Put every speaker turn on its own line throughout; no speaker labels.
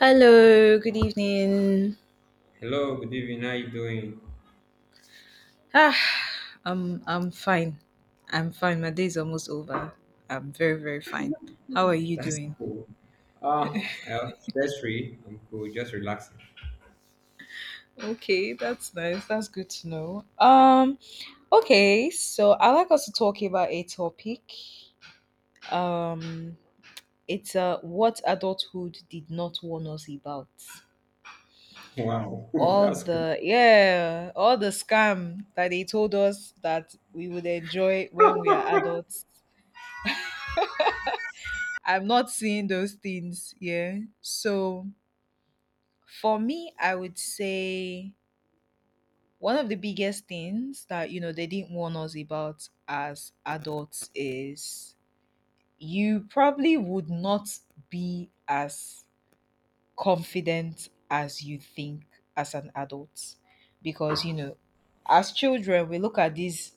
Hello, good evening.
Hello, good evening. How you doing?
Ah, I'm fine. I'm fine. My day is almost over. I'm very fine. How are you
That's
doing?
cool. I am stress free. I'm cool, just relaxing.
Okay, that's nice. That's good to know. Okay. So I like us to talk about a topic. Um, it's what adulthood did not warn us about.
Wow, that's cool.
All the scam that they told us that we would enjoy when we are adults. I'm not seeing those things. Yeah. So for me, I would say one of the biggest things that, you know, they didn't warn us about as adults is you probably would not be as confident as you think as an adult. Because, you know, as children, we look at these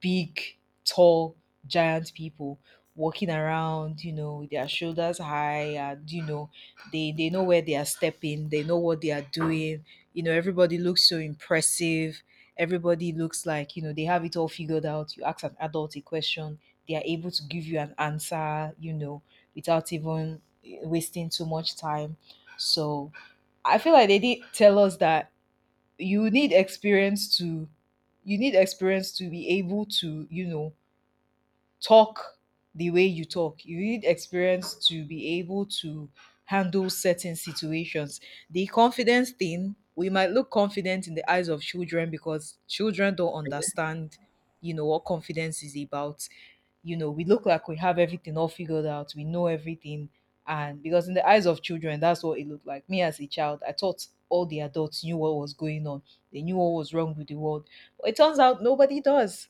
big, tall, giant people walking around, you know, with their shoulders high and you know, they know where they are stepping, they know what they are doing. You know, everybody looks so impressive. Everybody looks like, you know, they have it all figured out. You ask an adult a question, they are able to give you an answer, you know, without even wasting too much time. So I feel like they did tell us that you need experience to you need experience to be able to you know talk the way you talk. You need experience to be able to handle certain situations. The confidence thing, we might look confident in the eyes of children because children don't understand, you know, what confidence is about. You know, we look like we have everything all figured out, we know everything. And because in the eyes of children, that's what it looked like. Me as a child, I thought all the adults knew what was going on, they knew what was wrong with the world. But it turns out nobody does,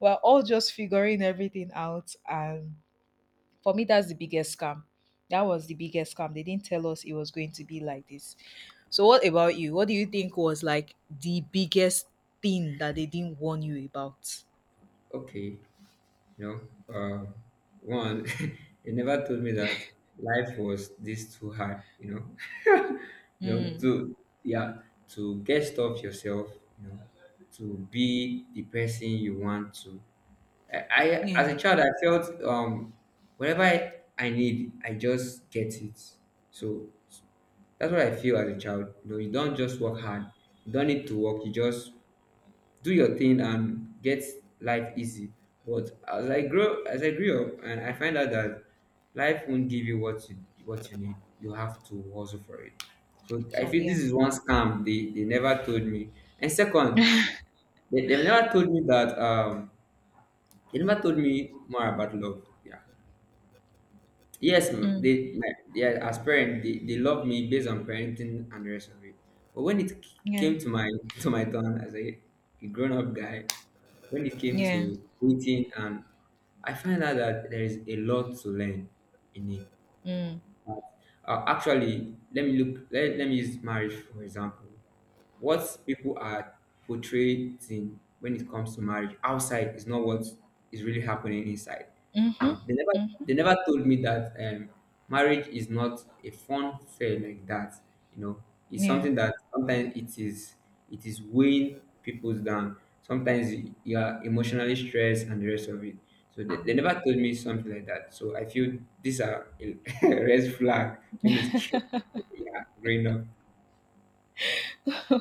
we're all just figuring everything out. And for me, that's the biggest scam. That was the biggest scam. They didn't tell us it was going to be like this. So, what about you? What do you think was like the biggest thing that they didn't warn you about?
Okay, you know, uh, one, they never told me that life was this too hard.
Mm,
To, yeah, to get stuff yourself. You know, to be the person you want to, I
yeah.
as a child, I felt whatever I need, I just get it. So that's what I feel as a child. You don't just work hard. You don't need to work. You just do your thing and get life easy. But as I grow, as I grew up, and I find out that life won't give you what you need. You have to hustle for it. So I
For
feel this
yeah.
is one scam they never told me. And second, they never told me that they never told me more about love. Yeah. Yes,
Mm,
yeah, as parent, they love me based on parenting and the rest of it. But when it c-
yeah.
came to my to my turn as a grown up guy, when it came
Yeah.
to dating, and I find out that there is a lot to learn in it.
Mm.
But, actually, let me look. Let me use marriage for example. What people are portraying when it comes to marriage outside is not what is really happening inside.
Mhm.
Um, they never
Mhm.
they never told me that marriage is not a fun fair like that. You know, it's
Yeah.
something that sometimes it is weighing people down. Sometimes you are emotionally stressed and the rest of it. So they never told me something like that. So I feel these are a red flag when it's yeah, growing up.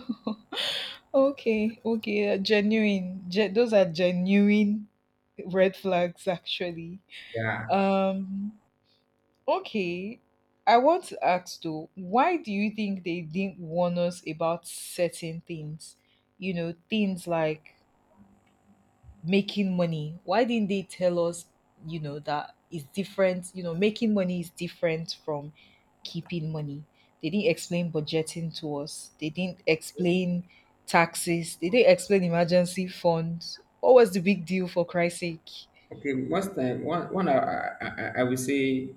okay. Okay. Genuine. Those are genuine red flags, actually.
Yeah.
Um. Okay. I want to ask though, why do you think they didn't warn us about certain things? You know, things like making money. Why didn't they tell us, you know, that is different, you know, making money is different from keeping money. They didn't explain budgeting to us. They didn't explain taxes. They didn't explain emergency funds. What was the big deal for Christ's sake?
Okay. Most time, one one I will say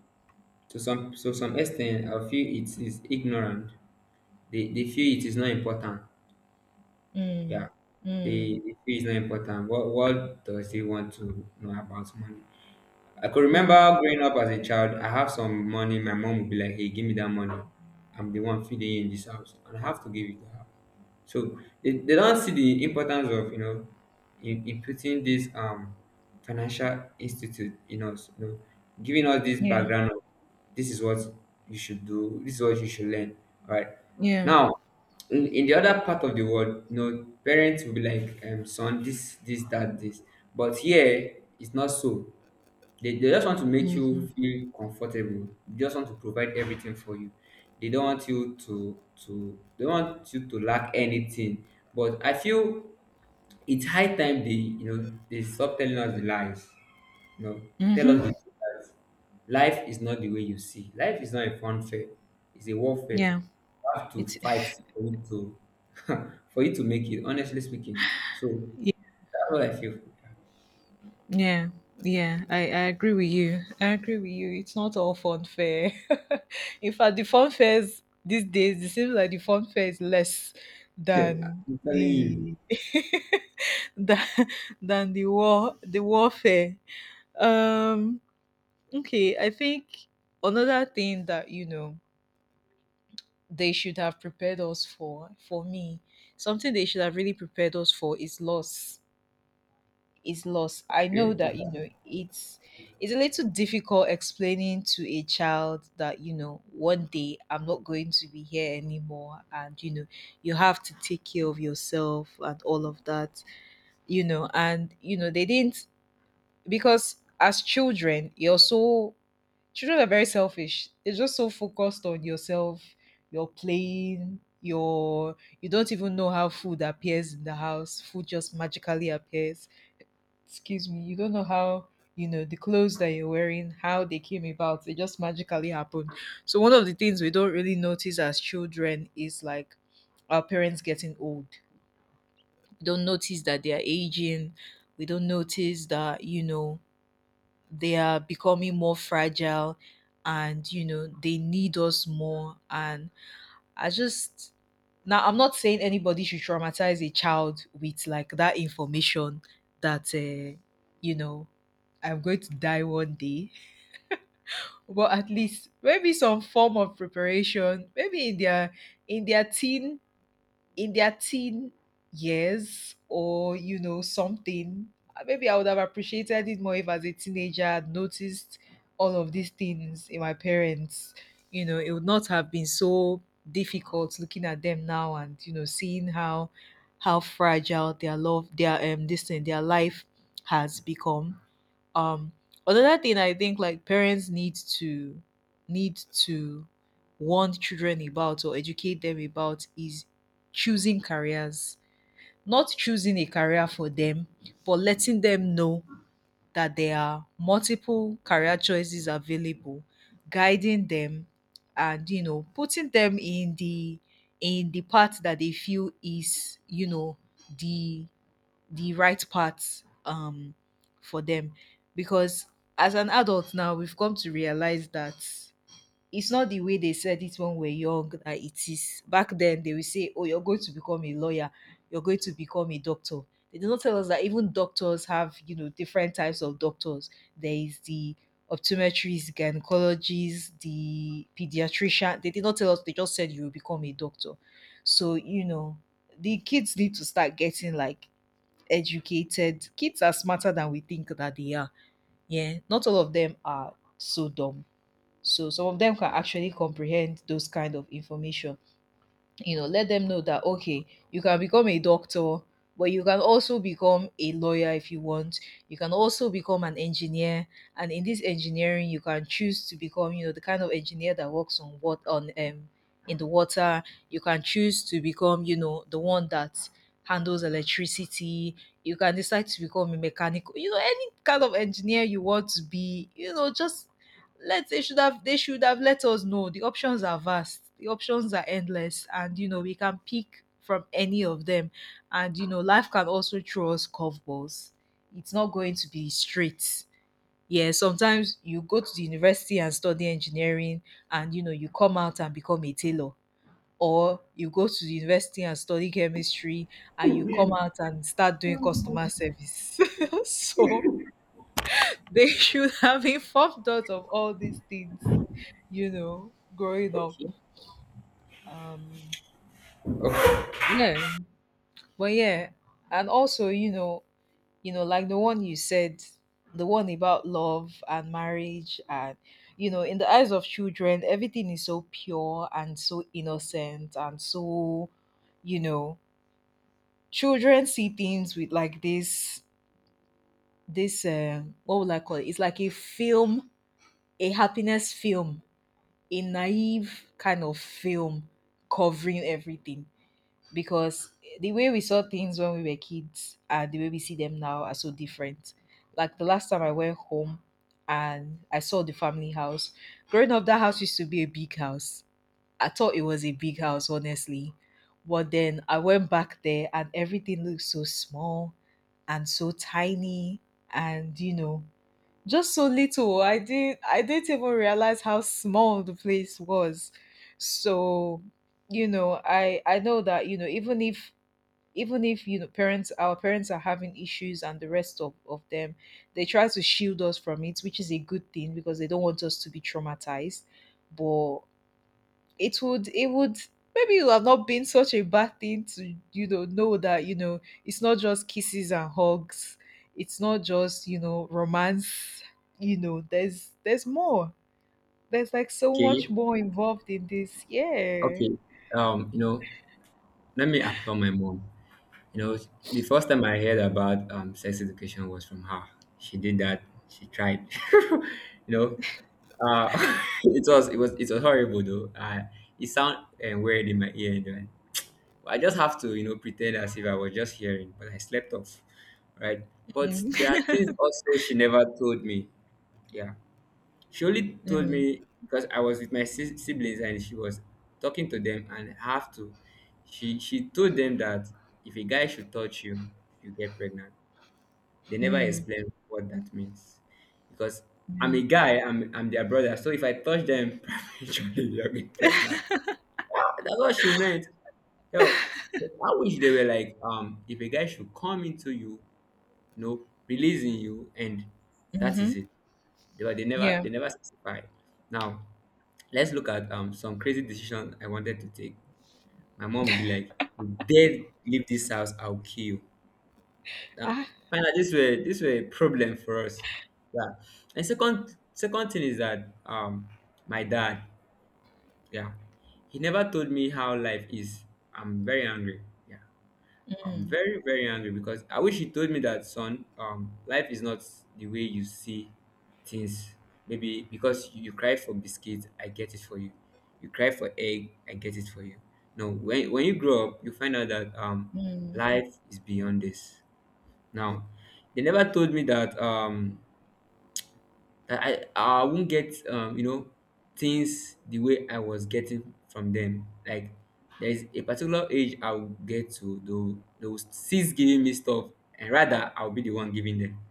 to some extent, I feel it is ignorant. They feel it is not important.
Mm,
Yeah.
mm,
They feel it's not important. What does they want to know about money? I could
mm.
remember growing up as a child, I have some money. My mom would be like, hey, give me that money. I'm the one feeding in this house, and I have to give it to her. So they don't see the importance of, in putting this financial institute in us, giving us this
Yeah.
background of this is what you should do, this is what you should learn. All right.
Yeah.
Now, in the other part of the world, parents will be like, son, this, that, this. But here, it's not so. They just want to make
Mm-hmm.
you feel comfortable. They just want to provide everything for you. They don't want you to they don't want you to lack anything. But I feel it's high time they you know they stop telling us the lies. You know, tell us
Mm-hmm.
the truth that life is not the way you see. Life is not a fun fair. It's a warfare.
Yeah,
You have to
it's
fight for you to for you to make it. Honestly speaking, so
yeah,
that's what I feel.
yeah, yeah. I agree with you. I agree with you. It's not all fun fair. In fact, the fun fairs these days, it seems like the fun fair is less than
I'm telling you.
the than, than the warfare. Um okay, I think another thing that you know they should have prepared us for me, something they should have really prepared us for is loss is loss. I know
Okay.
that you know it's a little difficult explaining to a child that you know one day I'm not going to be here anymore, and you know you have to take care of yourself and all of that. You know, and you know they didn't, because as children you're so children are very selfish. They're just so focused on yourself, your playing, your, you don't even know how food appears in the house. Food just magically appears, excuse me, you don't know how, you know, the clothes that you're wearing, how they came about. They just magically happened. So one of the things we don't really notice as children is like our parents getting old. We don't notice that they are aging. We don't notice that, you know, they are becoming more fragile and, you know, they need us more. And I just now I'm not saying anybody should traumatize a child with like that information that you know I'm going to die one day, but at least maybe some form of preparation, maybe in their in their teen in their teen years or you know something, maybe I would have appreciated it more if as a teenager I'd noticed all of these things in my parents. You know, it would not have been so difficult looking at them now and you know seeing how fragile their love their this thing their life has become. um another thing I think like parents need to need to warn children about or educate them about is choosing careers, not choosing a career for them, but letting them know that there are multiple career choices available, guiding them and you know putting them in the path that they feel is you know the right path, for them. Because as an adult now we've come to realize that it's not the way they said it when we're young that it is. Back then they will say oh you're going to become a lawyer, you're going to become a doctor. They did not tell us that even doctors have you know different types of doctors. There is the optometrists, gynecologists, the pediatrician. They did not tell us, they just said you will become a doctor. So you know the kids need to start getting like educated. Kids are smarter than we think that they are. Yeah, not all of them are so dumb. So some of them can actually comprehend those kind of information. You know, let them know that okay you can become a doctor, but you can also become a lawyer if you want, you can also become an engineer, and in this engineering you can choose to become you know the kind of engineer that works on what, on in the water. You can choose to become you know the one that handles electricity. You can decide to become a mechanical, you know, any kind of engineer you want to be, you know, just let us, they should have let us know the options are vast, the options are endless, and you know we can pick from any of them. And you know life can also throw us curveballs. It's not going to be straight. Yeah, sometimes you go to the university and study engineering and you know you come out and become a tailor, or you go to the university and study chemistry and you come out and start doing customer service. So they should have informed us of all these things, you know, growing up.
Okay.
Um, yeah, but yeah, and also, you know, like the one you said, the one about love and marriage, and you know, in the eyes of children, everything is so pure and so innocent and so, you know, children see things with like this, what would I call it? It's like a film, a happiness film, a naive kind of film covering everything, because the way we saw things when we were kids and the way we see them now are so different. Like the last time I went home and I saw the family house. Growing up, that house used to be a big house. I thought it was a big house, honestly. But then I went back there and everything looked so small and so tiny. And, you know, just so little. I didn't even realize how small the place was. So, you know, I know that, you know, even if you know parents our parents are having issues and the rest of them, they try to shield us from it, which is a good thing because they don't want us to be traumatized. But it would maybe it would have not been such a bad thing to you know that you know it's not just kisses and hugs, it's not just you know romance, you know there's more, there's like so
Okay,
much more involved in this. Yeah.
okay. Um, you know, let me applaud my mom. You know, the first time I heard about sex education was from her. She did that. She tried. You know, uh, it was horrible though. It sound weird in my ear then. But I just have to pretend as if I was just hearing, but I slept off, right? But there are
Mm.
things also she never told me. Yeah. She only told
Mm.
me because I was with my siblings and she was talking to them and have to. She told them that if a guy should touch you, you get pregnant. They never
Mm.
explain what that means because I'm
Yeah.
a guy. I'm their brother. So if I touch them, prematurely, they'll get pregnant. That's what she meant. Yo, I wish they were like, if a guy should come into you, releasing you, and that
Mm-hmm.
is it. They were, they never
Yeah.
they never specify. Now, let's look at some crazy decision I wanted to take. My mom would be like, "You dare leave this house, I'll kill you." Now,
Ah.
finally, this were a problem for us. Yeah. And second thing is that my dad, yeah, he never told me how life is. I'm very angry. I'm
Mm,
very, very angry because I wish he told me that, son, life is not the way you see things. Maybe because you cry for biscuits, I get it for you. You cry for egg, I get it for you. No, when, you grow up, you find out that
mm.
life is beyond this. Now, they never told me that I won't get things the way I was getting from them. Like there is a particular age I'll get to though they'll cease giving me stuff and rather I'll be the one giving them.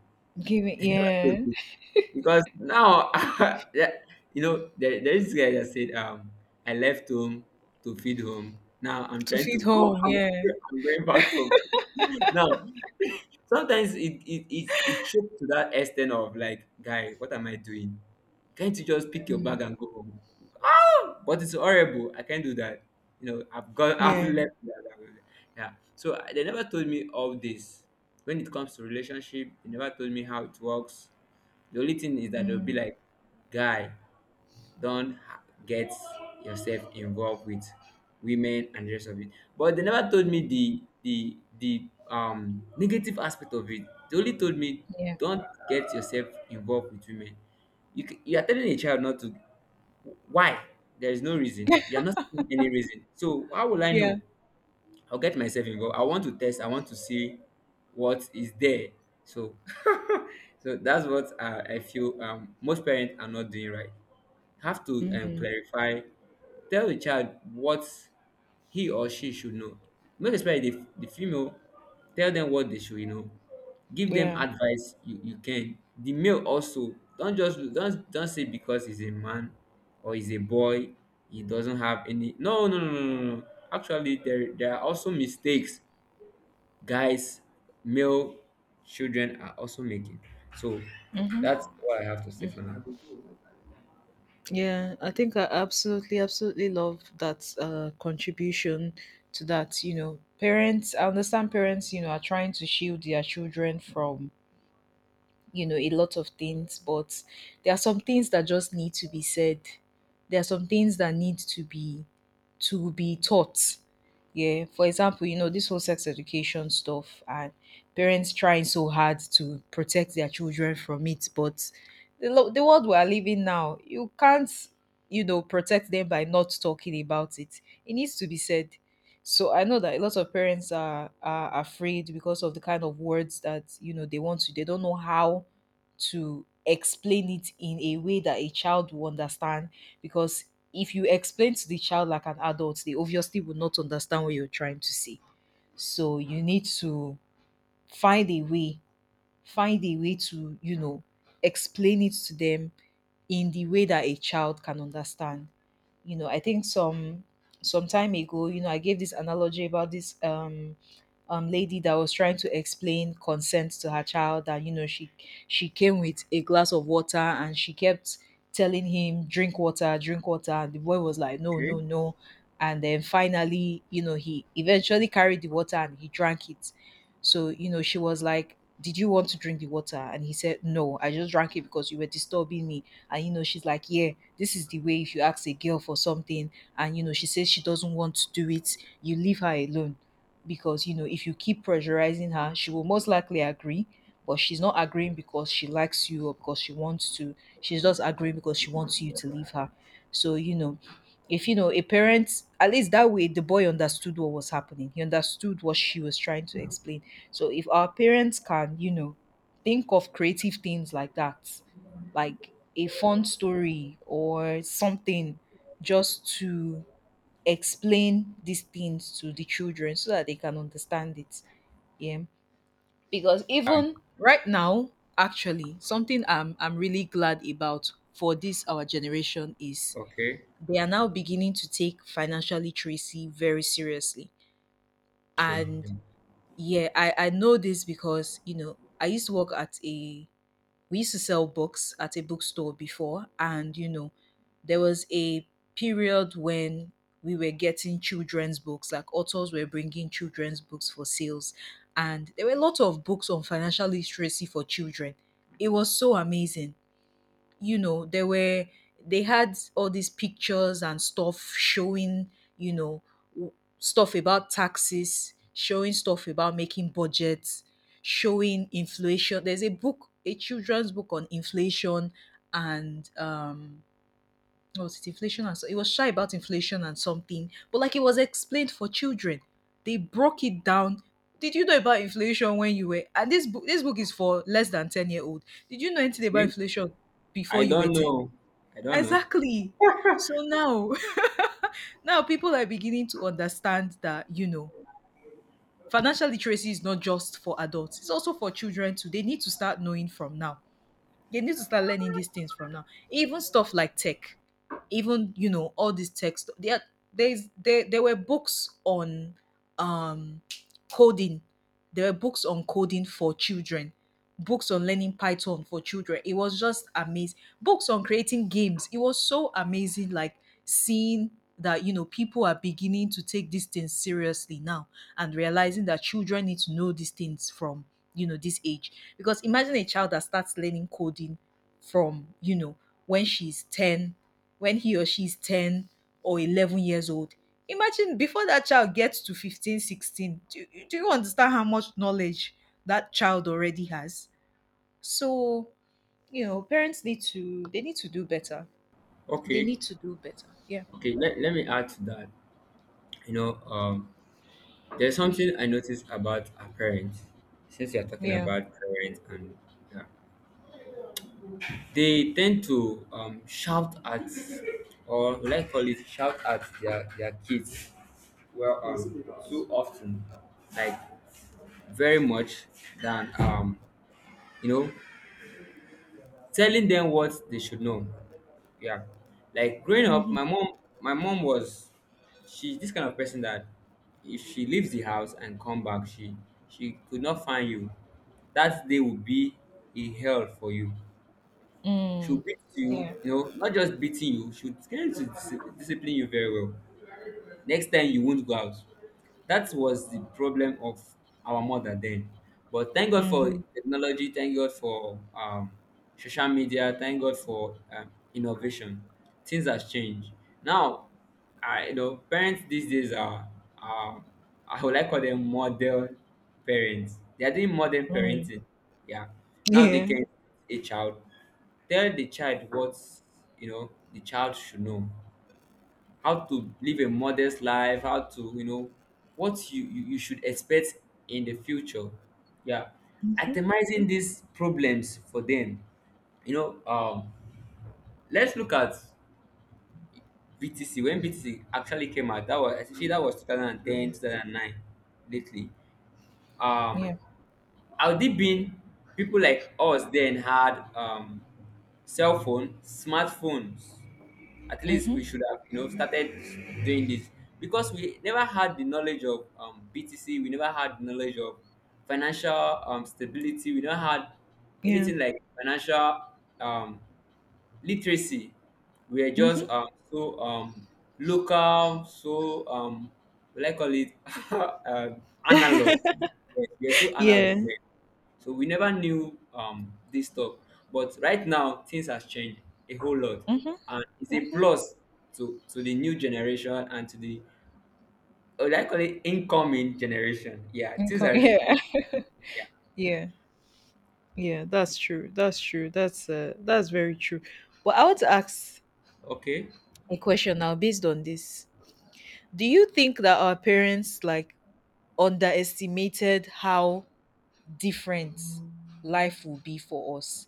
Give it,
They never
yeah.
told me because now yeah, there is this guy that said, I left home to feed home. Now I'm
To
trying
feed
to go,
home, yeah.
I'm going back home. Now, sometimes it choked to that extent of like, guy, what am I doing? Can't you just pick your
Mm,
bag and go home? Oh, but it's horrible, I can't do that. I've got, I've
yeah.
left that. Yeah, so they never told me all this. When it comes to relationship, they never told me how it works. The only thing is that they'll be
Mm,
like, guy, don't get yourself involved with women and the rest of it. But they never told me the negative aspect of it. They only told me
yeah.
don't get yourself involved with women. You are telling a child not to. Why? There is no reason. You are not saying any reason. So how will I
Yeah.
know? I'll get myself involved. I want to test. I want to see what is there. So, so that's what I feel, most parents are not doing right. Have to,
Mm,
clarify. Tell the child what he or she should know. Most especially the female, tell them what they should know. Give them
yeah.
advice you can. The male also, don't just don't say because he's a man or he's a boy, he doesn't have any. No, no, no, no, no. No. Actually, there are also mistakes guys, male children are also making. So
Hmm.
that's what I have to say for now.
Yeah, I think I absolutely, absolutely love that contribution to that. You know, parents, I understand parents, you know, are trying to shield their children from you know a lot of things, but there are some things that just need to be said. There are some things that need to be taught. Yeah, for example, you know, this whole sex education stuff, and parents trying so hard to protect their children from it. But the world we are living now, you can't you know protect them by not talking about it. It needs to be said. So I know that a lot of parents are afraid because of the kind of words that you know they want to. They don't know how to explain it in a way that a child will understand. Because if you explain to the child like an adult, they obviously will not understand what you're trying to say. So you need to find a way, find a way to you know explain it to them in the way that a child can understand. You know, I think some time ago, you know, I gave this analogy about this lady that was trying to explain consent to her child, that you know she came with a glass of water and she kept telling him, "Drink water, drink water," and the boy was like, "No,
Okay,
no, no." And then finally, you know, he eventually carried the water and he drank it. So, you know, she was like, "Did you want to drink the water?" And he said, "No, I just drank it because you were disturbing me." And you know she's like, yeah, this is the way. If you ask a girl for something and you know she says she doesn't want to do it, you leave her alone. Because you know if you keep pressurizing her, she will most likely agree, but she's not agreeing because she likes you or because she wants to. She's just agreeing because she wants you to leave her. So you know, if you know, a parent, at least that way the boy understood what was happening. He understood what she was trying to explain. So if our parents can you know think of creative things like that, like a fun story or something, just to explain these things to the children so that they can understand it. Yeah. Because even right now, actually, something I'm really glad about for this our generation is
okay,
they are now beginning to take financial literacy very seriously.
sure.
And
Yeah.
yeah, I know this because, you know, I used to work at a we used to sell books at a bookstore before, and you know there was a period when we were getting children's books, like authors were bringing children's books for sales, and there were a lot of books on financial literacy for children. It was so amazing. You know, there were, they had all these pictures and stuff showing, you know, w- stuff about taxes, showing stuff about making budgets, showing inflation. There's a book, a children's book on inflation, and what was it, inflation and so it was shy about inflation and something, but like it was explained for children. They broke it down. Did you know about inflation when you were, and this book is for less than 10 year old. Did you know anything about
See,
inflation before
I
you were
don't
10?
know. I don't know.
Exactly. So now now people are beginning to understand that, you know, financial literacy is not just for adults. It's also for children too. They need to start knowing from now. They need to start learning these things from now. Even stuff like tech, even you know all these tech stuff. There, there's there there were books on um coding. There were books on coding for children, books on learning Python for children. It was just amazing. Books on creating games. It was so amazing, like seeing that you know people are beginning to take these things seriously now and realizing that children need to know these things from you know this age. Because imagine a child that starts learning coding from you know when she's 10, when he or she's 10 or 11 years old. Imagine before that child gets to 15, 16. Do you understand how much knowledge that child already has? So, you know, they need to do better. They
Okay.
need to do better. Yeah.
Okay, let me add to that. You know, um, there's something I noticed about our parents, since you're talking
Yeah.
about parents and, yeah, they tend to, shout at, or let's call it shout at their kids, well, too often, like very much than, you know, telling them what they should know. Yeah. Like growing up,
Hmm.
my mom was she's this kind of person that if she leaves the house and come back, she could not find you. That day would be a hell for you. She'll
Mm.
beat you,
Yeah.
not just beating you, she'll get to discipline you very well. Next time you won't go out. That was the problem of our mother then. But thank God for
Hmm.
technology, thank God for social media, thank God for innovation. Things has changed. Now, parents these days are, are I would like call them model parents. They are doing modern
Mm.
parenting. Yeah. Now they
Yeah.
can a child tell the child what, the child should know, how to live a modest life, how to, what you should expect in the future, yeah,
Hmm.
itemizing these problems for them. you know um let's look at BTC. When BTC actually came out, that was actually, that was 2010, 2009, 2009 lately. um
Yeah.
Had it been people like us then had, cell phone, smartphones, at least
Hmm.
we should have, started doing this, because we never had the knowledge of, BTC. We never had knowledge of financial, stability. We never had
Yeah.
anything like financial, um, literacy. We are
Hmm.
just, so, local, so, like call it analog. Yes, we are so analog
Yeah.
then. So we never knew, this stuff. But right now, things has changed a whole lot,
Hmm.
and it's a
Hmm.
plus to the new generation and to the what I call it incoming generation. Yeah, things
Income.
are really
Yeah.
changing. Yeah.
Yeah. Yeah. That's true. That's true. That's very true. But I want to ask
Okay.
a question now based on this. Do you think that our parents like underestimated how different life will be for us?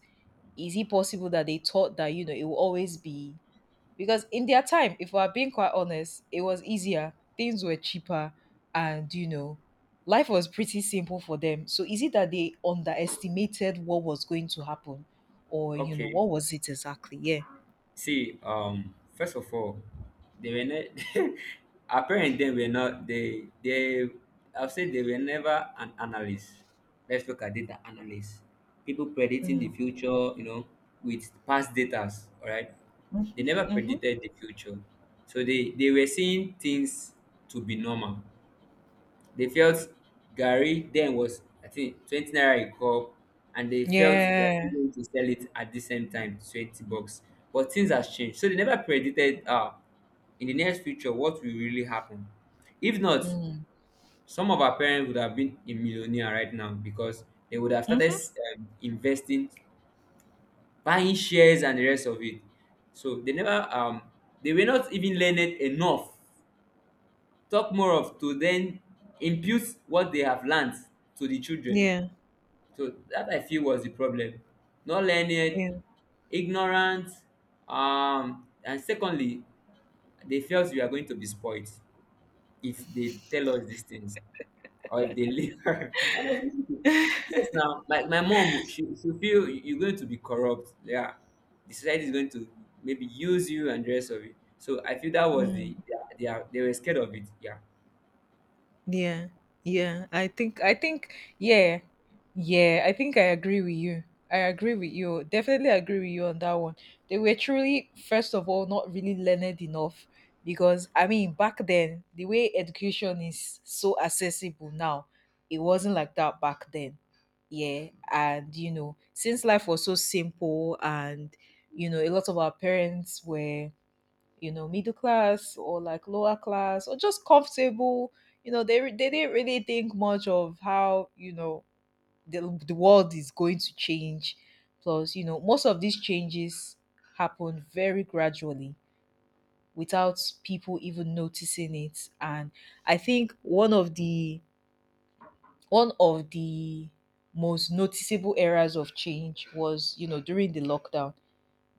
Is it possible that they thought that you know it will always be, because in their time, if we're being quite honest, it was easier, things were cheaper, and you know, life was pretty simple for them. So is it that they underestimated what was going to happen? Or you know,
Okay.
what was it exactly? Yeah.
See, first of all, they were ne- our parents then were not they I'll say they were never an analyst. Let's look at data analysts. People predicting the
Mm.
future, with past data, all right? They never
Mm-hmm.
predicted the future. So they were seeing things to be normal. They felt Gary then was I think 20 naira a cup, and they felt they are still
Yeah.
going to sell it at the same time 20 bucks. But things has changed, so they never predicted in the next future what will really happen. If not,
Mm.
some of our parents would have been a millionaire right now because they would have
Mm-hmm.
started investing, buying shares and the rest of it. So they never they were not even learned enough talk more of to then impute what they have learned to the children.
Yeah.
So that I feel was the problem. Not learned,
Yeah.
ignorant, and secondly, they felt we are going to be spoiled if they tell us these things or if they leave. Honestly, yes, now my mom, she feel you're going to be corrupt. Yeah, the society is going to maybe use you and the rest of it. So I feel that was
Mm.
they were scared of it. Yeah.
Yeah, yeah. I think yeah. Yeah, I think I agree with you. I agree with you. Definitely agree with you on that one. They were truly, first of all, not really learned enough, because I mean back then the way education is so accessible now, it wasn't like that back then. Yeah, and you know, since life was so simple and you know, a lot of our parents were you know middle class or like lower class or just comfortable, you know they didn't really think much of how you know the world is going to change. Plus you know most of these changes happen very gradually without people even noticing it. And I think one of the most noticeable eras of change was you know during the lockdown.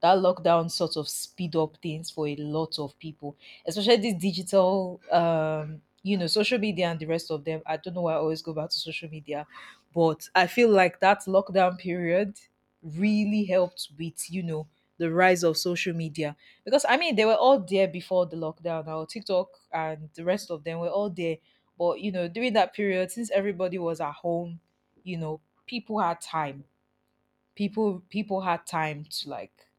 That lockdown sort of speed up things for a lot of people, especially this digital, you know, social media and the rest of them. I don't know why I always go back to social media, but I feel like that lockdown period really helped with, you know, the rise of social media, because I mean they were all there before the lockdown. Our TikTok and the rest of them were all there, but you know, during that period, since everybody was at home, you know, people had time. People had time to like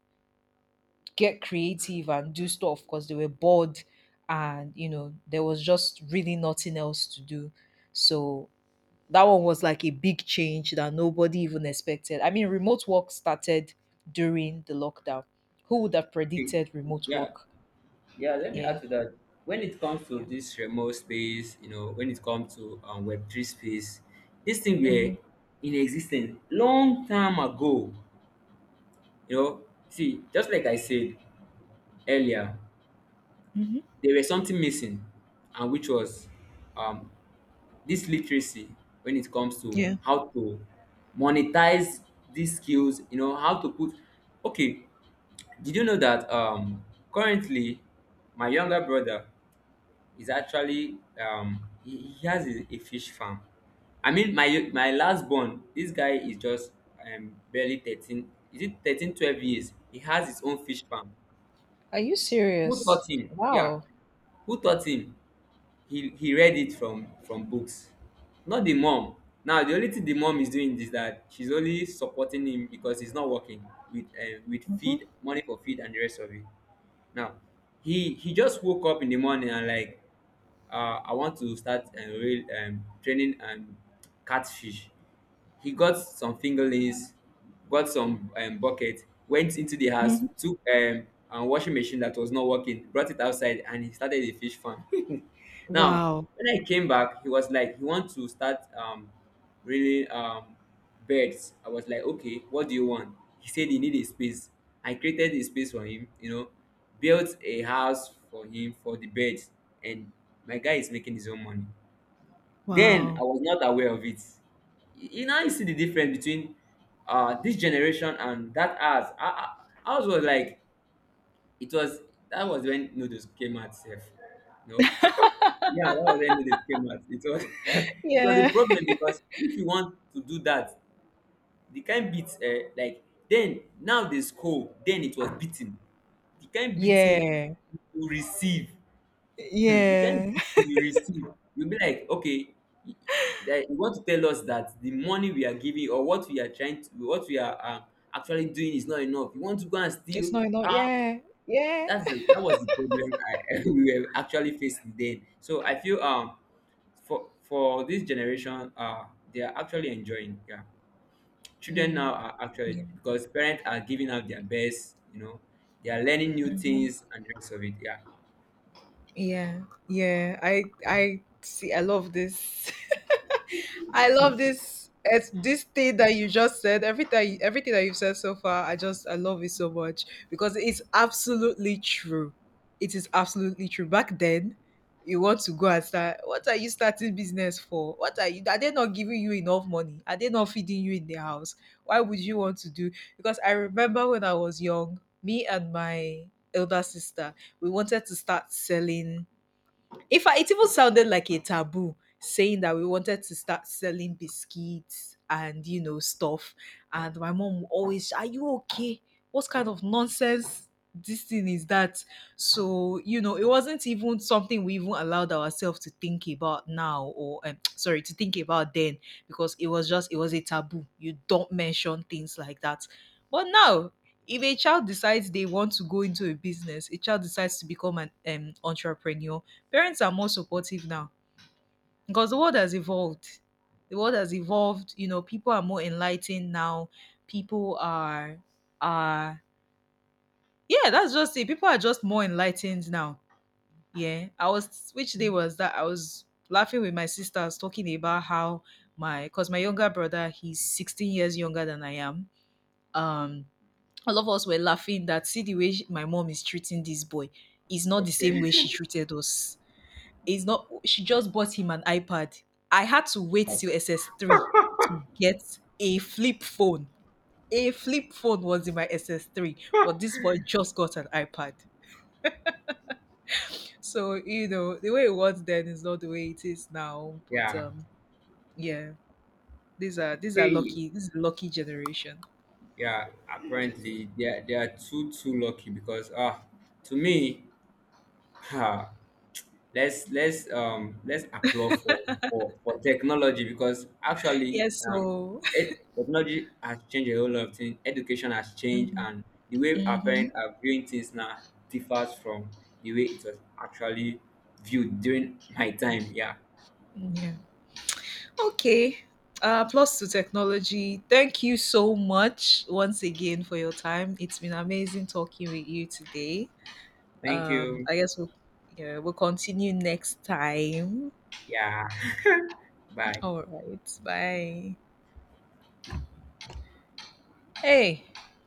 get creative and do stuff because they were bored, and you know there was just really nothing else to do. So that one was like a big change that nobody even expected. I mean remote work started during the lockdown. Who would have
Okay.
predicted remote
Yeah.
work?
Yeah, let me
Yeah.
add to that. When it comes to
Yeah.
this remote space, when it comes to Web3 space, this thing were
Hmm.
in existence long time ago. You know, see, just like I said earlier,
Hmm.
there was something missing, and which was um, this literacy when it comes to
Yeah.
how to monetize these skills, how to put. Okay, did you know that currently my younger brother is actually he has a fish farm. I mean my last born, this guy is just barely 13. Is it 13, 12 years? He has his own fish farm.
Are you
Who taught
serious?
him? Yeah.
Wow.
Who taught him? He read it from books, not the mom. Now the only thing the mom is doing is that she's only supporting him because he's not working with
Hmm.
feed money for feed and the rest of it. Now, he just woke up in the morning, and like I want to start real, training catfish. He got some fingerlings, got some bucket, went into the house,
Hmm.
took a washing machine that was not working, brought it outside, and he started a fish farm. Now,
Wow.
when I came back, he was like, he wants to start really birds. I was like, okay, what do you want? He said he need a space. I created a space for him, built a house for him for the birds, and my guy is making his own money. Then I
Wow.
was not aware of it. You now you see the difference between this generation and that ours. Ours was like it was that was when noodles came out safe. No? Yeah, that was any they came at. It was it was a
Yeah.
problem because if you want to do that, the kind beat like then now they score, then it was beating. The kind beating
Yeah.
you receive, the kind
Yeah.
beating you receive, you'll be like, okay, y- that you want to tell us that the money we are giving or what we are trying to what we are actually doing is not enough. You want to go and
It's
steal?
not enough,
Ah,
yeah. Yeah.
that was the problem I, we were actually facing then. So I feel for this generation they are actually enjoying, yeah. Children now
Mm.
are actually, because parents are giving out their best, they are learning new
Mhm.
things and the rest of it, yeah.
Yeah, yeah. I see. I love this. I love this. It's this thing that you just said. Everything that you've said so far, I just I love it so much because it's absolutely true. It is absolutely true. Back then, you want to go and start. What are you starting business for? What are you? Are they not giving you enough money? Are they not feeding you in the house? Why would you want to do? Because I remember when I was young, me and my elder sister, we wanted to start selling. In fact, it even sounded like a taboo saying that we wanted to start selling biscuits and you know stuff. And my mom would always, "Are you okay? What kind of nonsense this thing is that?" So you know, it wasn't even something we even allowed ourselves to think about now, or sorry, to think about then, because it was a taboo. You don't mention things like that. But now if a child decides they want to go into a business, a child decides to become an entrepreneur, parents are more supportive now because the world has evolved. The world has evolved. You know, people are more enlightened now. People are yeah, that's just it. People are just more enlightened now. Yeah. I was, which day was that? I was laughing with my sisters talking about how my, because my younger brother, he's 16 years younger than I am. Um all of us were laughing that see the way my mom is treating this boy is not the same way
Okay.
she treated us. It's not, she just bought him an iPad. I had to wait till SS3 to get a flip phone. A flip phone was in my SS3, but this boy just got an iPad. So, you know, the way it was then is not the way it is now. But
Yeah.
yeah, these are, these are
Hey,
lucky. This is lucky generation.
yeah,
Yes.
apparently they are too too lucky because ah, to me. Let's applaud for for technology because actually
Yeah, so.
technology has changed a whole lot of things. Education has changed,
Mhm.
and the way our
Mhm.
parents are viewing things now differs from the way it was actually viewed during my time, yeah.
Yeah. Okay. Plus to technology. Thank you so much once again for your time. It's been amazing talking with you today.
Thank you.
I guess we'll yeah, we'll continue next time.
Yeah. Bye.
All right. Bye. Hey.